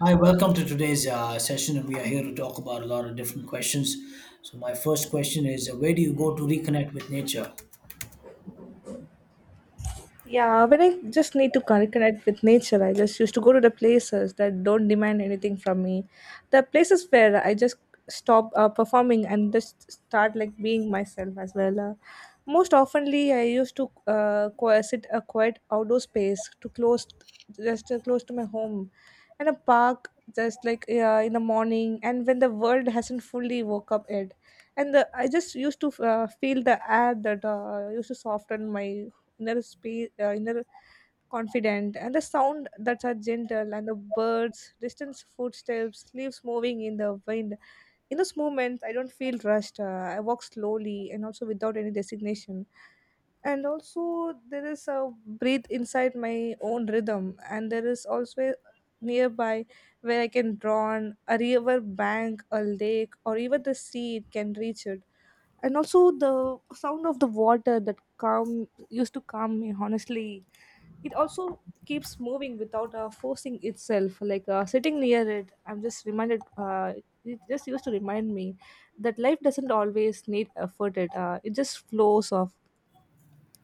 Hi, welcome to today's session. And We are here to talk about a lot of different questions. So, my first question is where do you go to reconnect with nature? Yeah, when I just need to connect with nature, I just used to go to the places that don't demand anything from me. The places where I just stop performing and just start like being myself as well. Most oftenly, I used to sit a quiet outdoor space to close, just close to my home, and a park just like in the morning and when the world hasn't fully woke up yet and I just used to feel the air that used to soften my inner space, inner confident, and the sound that's are gentle, and the birds, distant footsteps, leaves moving in the wind. In those moments, I don't feel rushed. I walk slowly and also without any designation. And also, there is a breathe inside my own rhythm, and there is also a nearby where I can draw on a river bank, a lake, or even the sea. It can reach it and also the sound of the water that calm used to calm me honestly, it also keeps moving without forcing itself. Like sitting near it, I'm just reminded, it just used to remind me that life doesn't always need effort. It, it just flows off.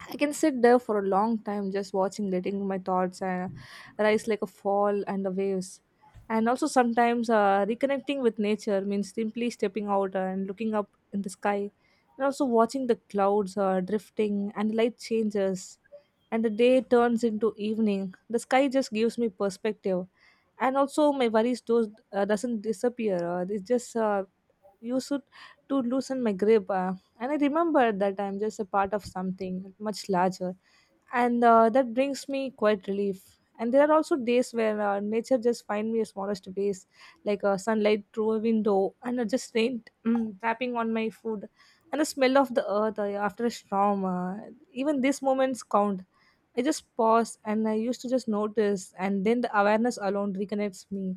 I can sit there for a long time just watching, letting my thoughts rise like a fall and the waves. And also, sometimes reconnecting with nature means simply stepping out and looking up in the sky, and also watching the clouds drifting and light changes, and the day turns into evening. The sky just gives me perspective, and also my worries, those doesn't disappear. It's just, you should, to loosen my grip, and I remember that I'm just a part of something much larger. And that brings me quite relief. And there are also days where nature just find me a smallest ways, like sunlight through a window, and just rain tapping on my food, and the smell of the earth after a storm. Even these moments count. I just pause and I used to just notice, and then the awareness alone reconnects me.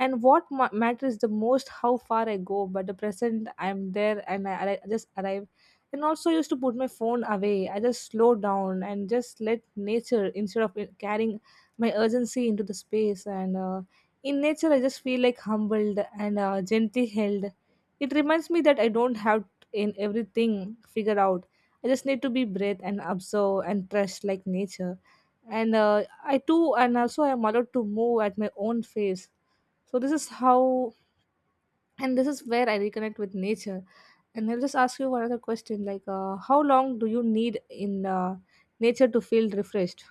And what matters the most, how far I go, but the present I'm there, and I just arrive. And also used to put my phone away. I just slow down and just let nature instead of it carrying my urgency into the space. And in nature, I just feel like humbled and gently held. It reminds me that I don't have in everything figured out. I just need to be breathe and observe and trust like nature. And I too, and also I am allowed to move at my own pace. So this is how, and this is where I reconnect with nature. And I'll just ask you one other question, like how long do you need in nature to feel refreshed?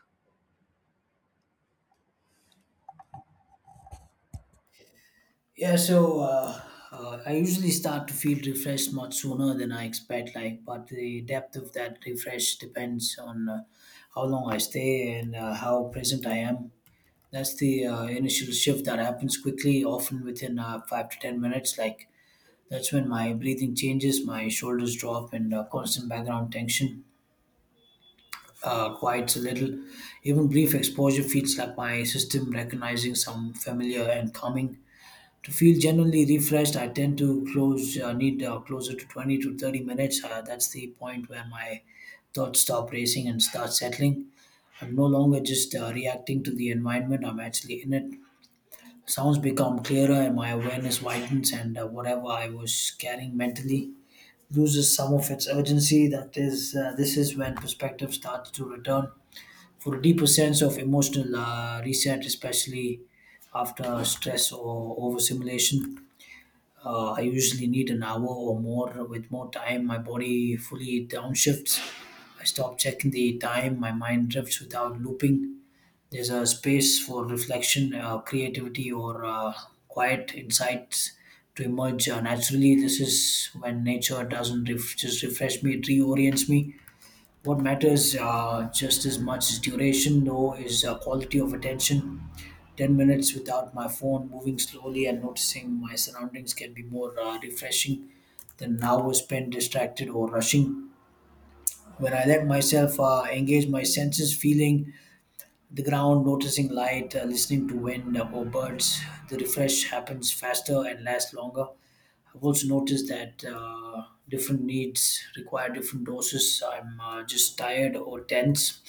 Yeah, so I usually start to feel refreshed much sooner than I expect, like, but the depth of that refresh depends on how long I stay and how present I am. That's the initial shift that happens quickly, often within 5 to 10 minutes. Like, that's when my breathing changes, my shoulders drop, and constant background tension quiets a little. Even brief exposure feels like my system recognizing some familiar and calming. To feel genuinely refreshed, I tend to closer to 20 to 30 minutes. That's the point where my thoughts stop racing and start settling. I'm no longer just reacting to the environment, I'm actually in it. Sounds become clearer and my awareness widens, and whatever I was carrying mentally loses some of its urgency. This is when perspective starts to return for a deeper sense of emotional reset, especially after stress or overstimulation. I usually need an hour or more. With more time, my body fully downshifts. I stop checking the time, my mind drifts without looping. There's a space for reflection, creativity, or quiet insights to emerge naturally. This is when nature doesn't just refresh me, it reorients me. What matters just as much as duration, though, is quality of attention. 10 minutes without my phone, moving slowly and noticing my surroundings can be more refreshing than an hour spent distracted or rushing. When I let myself engage my senses, feeling the ground, noticing light, listening to wind or birds, the refresh happens faster and lasts longer. I've also noticed that different needs require different doses. I'm just tired or tense,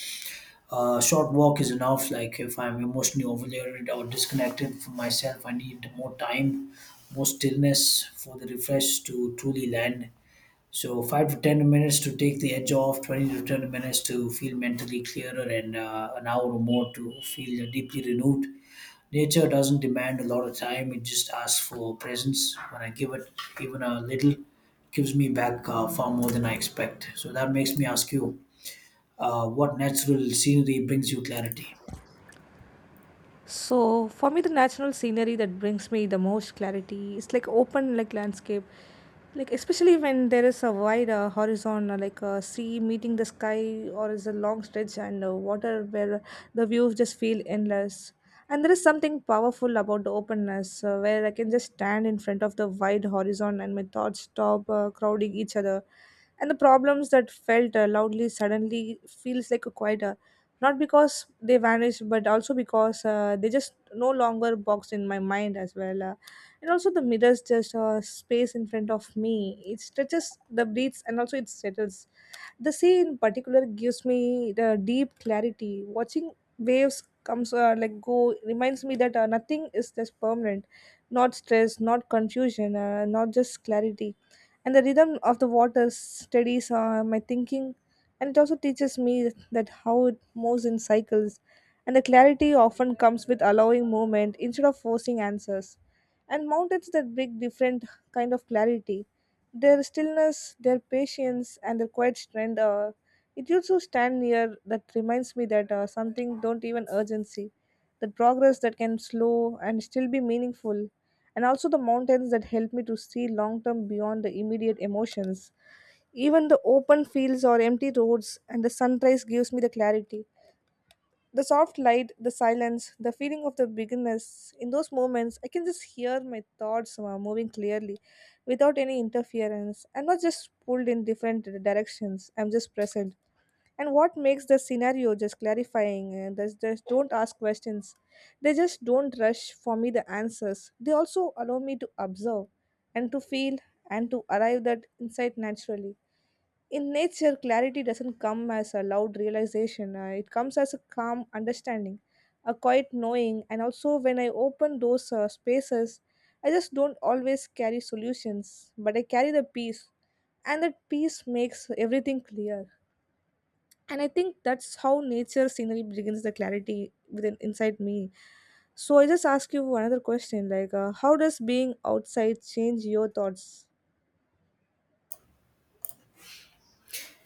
a short walk is enough. Like if I'm emotionally overloaded or disconnected from myself, I need more time, more stillness for the refresh to truly land. So 5 to 10 minutes to take the edge off, 20 to 10 minutes to feel mentally clearer, and an hour or more to feel deeply renewed. Nature doesn't demand a lot of time; it just asks for presence. When I give it even a little, it gives me back far more than I expect. So that makes me ask you, what natural scenery brings you clarity? So for me, the natural scenery that brings me the most clarity is like open like landscape, like especially when there is a wide horizon, like a sea meeting the sky, or is a long stretch and water where the views just feel endless. And there is something powerful about the openness, where I can just stand in front of the wide horizon and my thoughts stop crowding each other, and the problems that felt loudly suddenly feels like a quiet, not because they vanished but also because they just no longer box in my mind as well. And also the mirrors just space in front of me, it stretches the breaths and also it settles. The sea in particular gives me the deep clarity. Watching waves comes like go reminds me that nothing is just permanent, not stress, not confusion, not just clarity. And the rhythm of the water steadies my thinking, and it also teaches me that how it moves in cycles. And the clarity often comes with allowing movement instead of forcing answers. And mountains that bring different kind of clarity, their stillness, their patience, and their quiet strength. It used to stand near that reminds me that something don't even urgency, the progress that can slow and still be meaningful, and also the mountains that help me to see long term beyond the immediate emotions. Even the open fields or empty roads and the sunrise gives me the clarity. The soft light, the silence, the feeling of the beginners. In those moments, I can just hear my thoughts moving clearly without any interference. I'm not just pulled in different directions, I'm just present. And what makes the scenario just clarifying? And they just don't ask questions. They just don't rush for me the answers. They also allow me to observe and to feel and to arrive that insight naturally. In nature, clarity doesn't come as a loud realization, it comes as a calm understanding, a quiet knowing. And also, when I open those spaces, I just don't always carry solutions, but I carry the peace, and that peace makes everything clear. And I think that's how nature scenery begins the clarity within inside me. So I just ask you another question, like, how does being outside change your thoughts?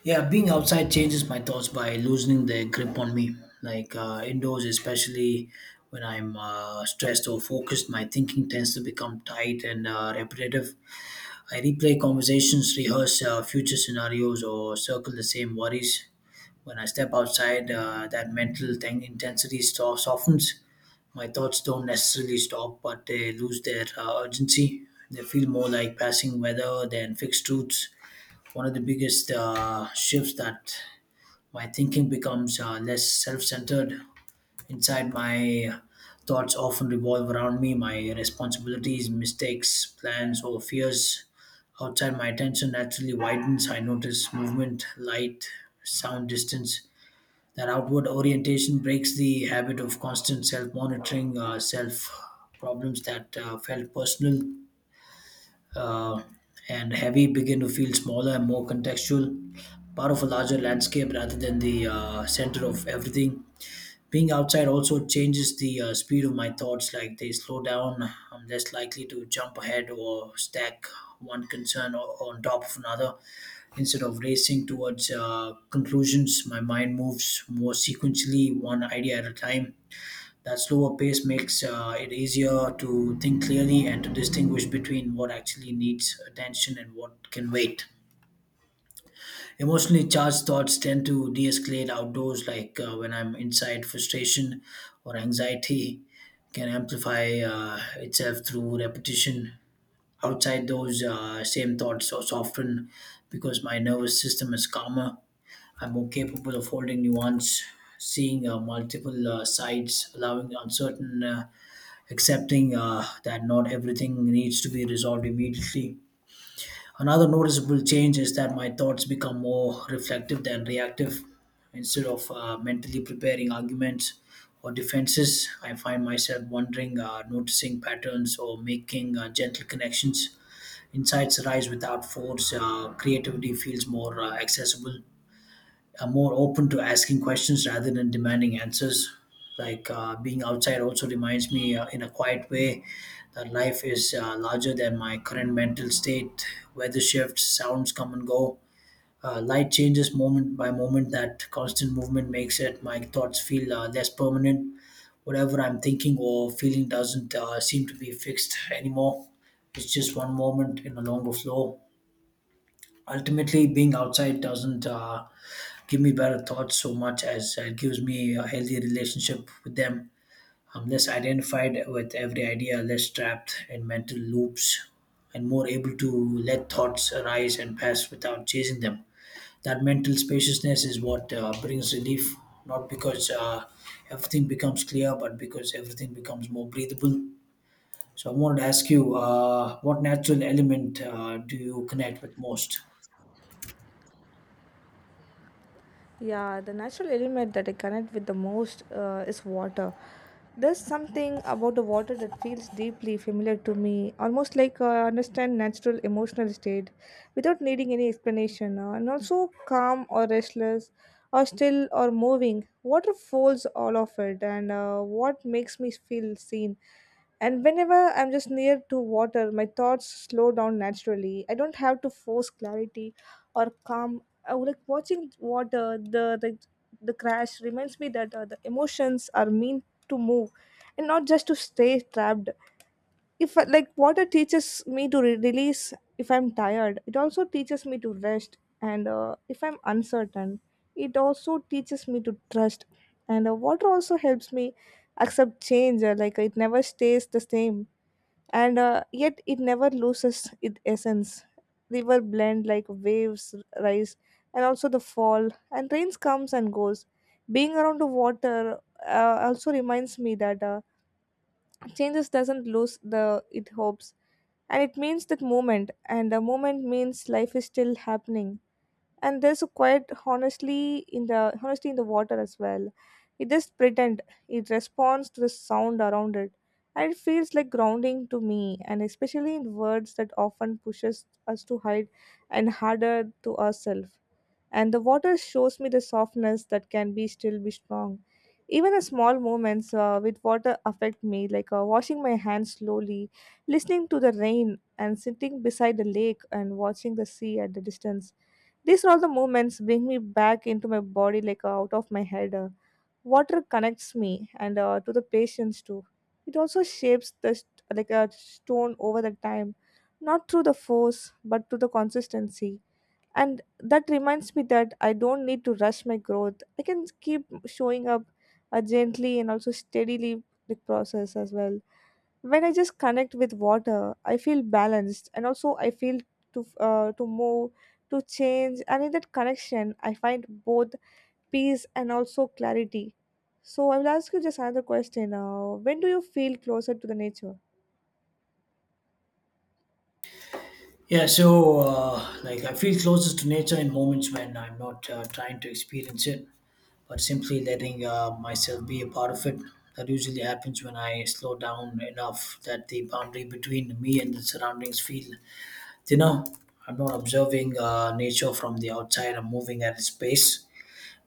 Yeah, being outside changes my thoughts by loosening their grip on me. Like indoors, especially when I'm stressed or focused, my thinking tends to become tight and repetitive. I replay conversations, rehearse future scenarios, or circle the same worries. When I step outside, that mental thing intensity softens. My thoughts don't necessarily stop, but they lose their urgency. They feel more like passing weather than fixed truths. One of the biggest shifts that my thinking becomes less self-centered. Inside, my thoughts often revolve around me, my responsibilities, mistakes, plans, or fears. Outside, my attention naturally widens. I notice movement, light, sound, distance. That outward orientation breaks the habit of constant self-monitoring, self. Problems that felt personal uh, and heavy begin to feel smaller and more contextual, part of a larger landscape rather than the center of everything. Being outside also changes the speed of my thoughts, like they slow down. I'm less likely to jump ahead or stack one concern on top of another. Instead of racing towards conclusions, my mind moves more sequentially, one idea at a time. That slower pace makes it easier to think clearly and to distinguish between what actually needs attention and what can wait. Emotionally charged thoughts tend to de escalate outdoors. Like when I'm inside, frustration or anxiety can amplify itself through repetition. Outside, those same thoughts are softened because my nervous system is calmer. I'm more capable of holding nuance, seeing multiple sides, allowing uncertain, accepting that not everything needs to be resolved immediately. Another noticeable change is that my thoughts become more reflective than reactive. Instead of mentally preparing arguments or defenses, I find myself wondering, noticing patterns, or making gentle connections. Insights arise without force, creativity feels more accessible, are more open to asking questions rather than demanding answers. Like being outside also reminds me, in a quiet way, that life is larger than my current mental state. Weather shifts, sounds come and go. Light changes moment by moment. That constant movement makes it my thoughts feel less permanent. Whatever I'm thinking or feeling doesn't seem to be fixed anymore. It's just one moment in a longer flow. Ultimately, being outside doesn't give me better thoughts so much as it gives me a healthy relationship with them. I'm less identified with every idea, less trapped in mental loops, and more able to let thoughts arise and pass without chasing them. That mental spaciousness is what brings relief, not because everything becomes clear, but because everything becomes more breathable. So, I wanted to ask you, what natural element do you connect with most? Yeah, the natural element that I connect with the most is water. There's something about the water that feels deeply familiar to me, almost like I understand natural emotional state without needing any explanation, and also calm or restless or still or moving. Water folds all of it, and what makes me feel seen. And whenever I'm just near to water, my thoughts slow down naturally. I don't have to force clarity or calm. I would like watching water, the crash reminds me that the emotions are meant to move and not just to stay trapped. If like water teaches me to release. If I'm tired, it also teaches me to rest. And if I'm uncertain, it also teaches me to trust. And water also helps me accept change. Like it never stays the same, and yet it never loses its essence. River blend like waves rise and also the fall, and rains comes and goes. Being around the water also reminds me that changes doesn't lose the it hopes, and it means that moment, and the moment means life is still happening. And there's a quiet honestly in the honesty in the water as well. It just pretend, it responds to the sound around it, and it feels like grounding to me, and especially in words that often pushes us to hide and harder to ourselves, and the water shows me the softness that can be still be strong. Even the small moments with water affect me, like washing my hands slowly, listening to the rain, and sitting beside the lake, and watching the sea at the distance. These are all the movements bring me back into my body, like out of my head. Water connects me, and to the patients too. It also shapes the like a stone over the time, not through the force but through the consistency. And that reminds me that I don't need to rush my growth. I can keep showing up gently and also steadily the process as well. When I just connect with water, I feel balanced, and also I feel to move, to change, and in that connection I find both peace and also clarity. So I will ask you just another question, when do you feel closer to the nature? Yeah, so like I feel closest to nature in moments when I'm not trying to experience it, but simply letting myself be a part of it. That usually happens when I slow down enough that the boundary between me and the surroundings feel thinner. I'm not observing nature from the outside. I'm moving at its pace,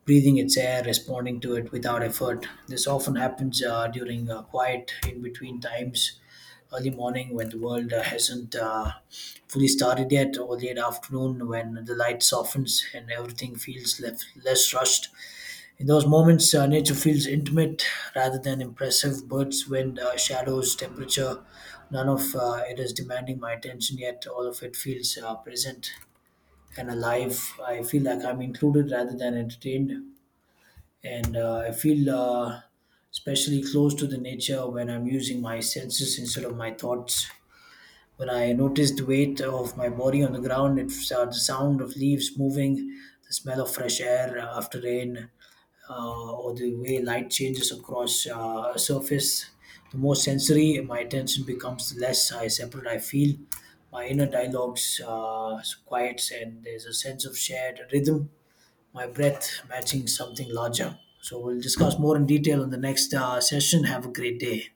breathing its air, responding to it without effort. This often happens during quiet in between times, early morning when the world hasn't fully started yet, or late afternoon when the light softens and everything feels less rushed. In those moments, nature feels intimate rather than impressive. Birds, wind, shadows, temperature, none of it is demanding my attention yet. All of it feels present and alive. I feel like I'm included rather than entertained, and I feel especially close to the nature when I'm using my senses instead of my thoughts. When I notice the weight of my body on the ground, it's the sound of leaves moving, the smell of fresh air after rain, or the way light changes across a surface. The more sensory my attention becomes, the less I separate I feel. My inner dialogues quiets, and there's a sense of shared rhythm, my breath matching something larger. So we'll discuss more in detail in the next session. Have a great day.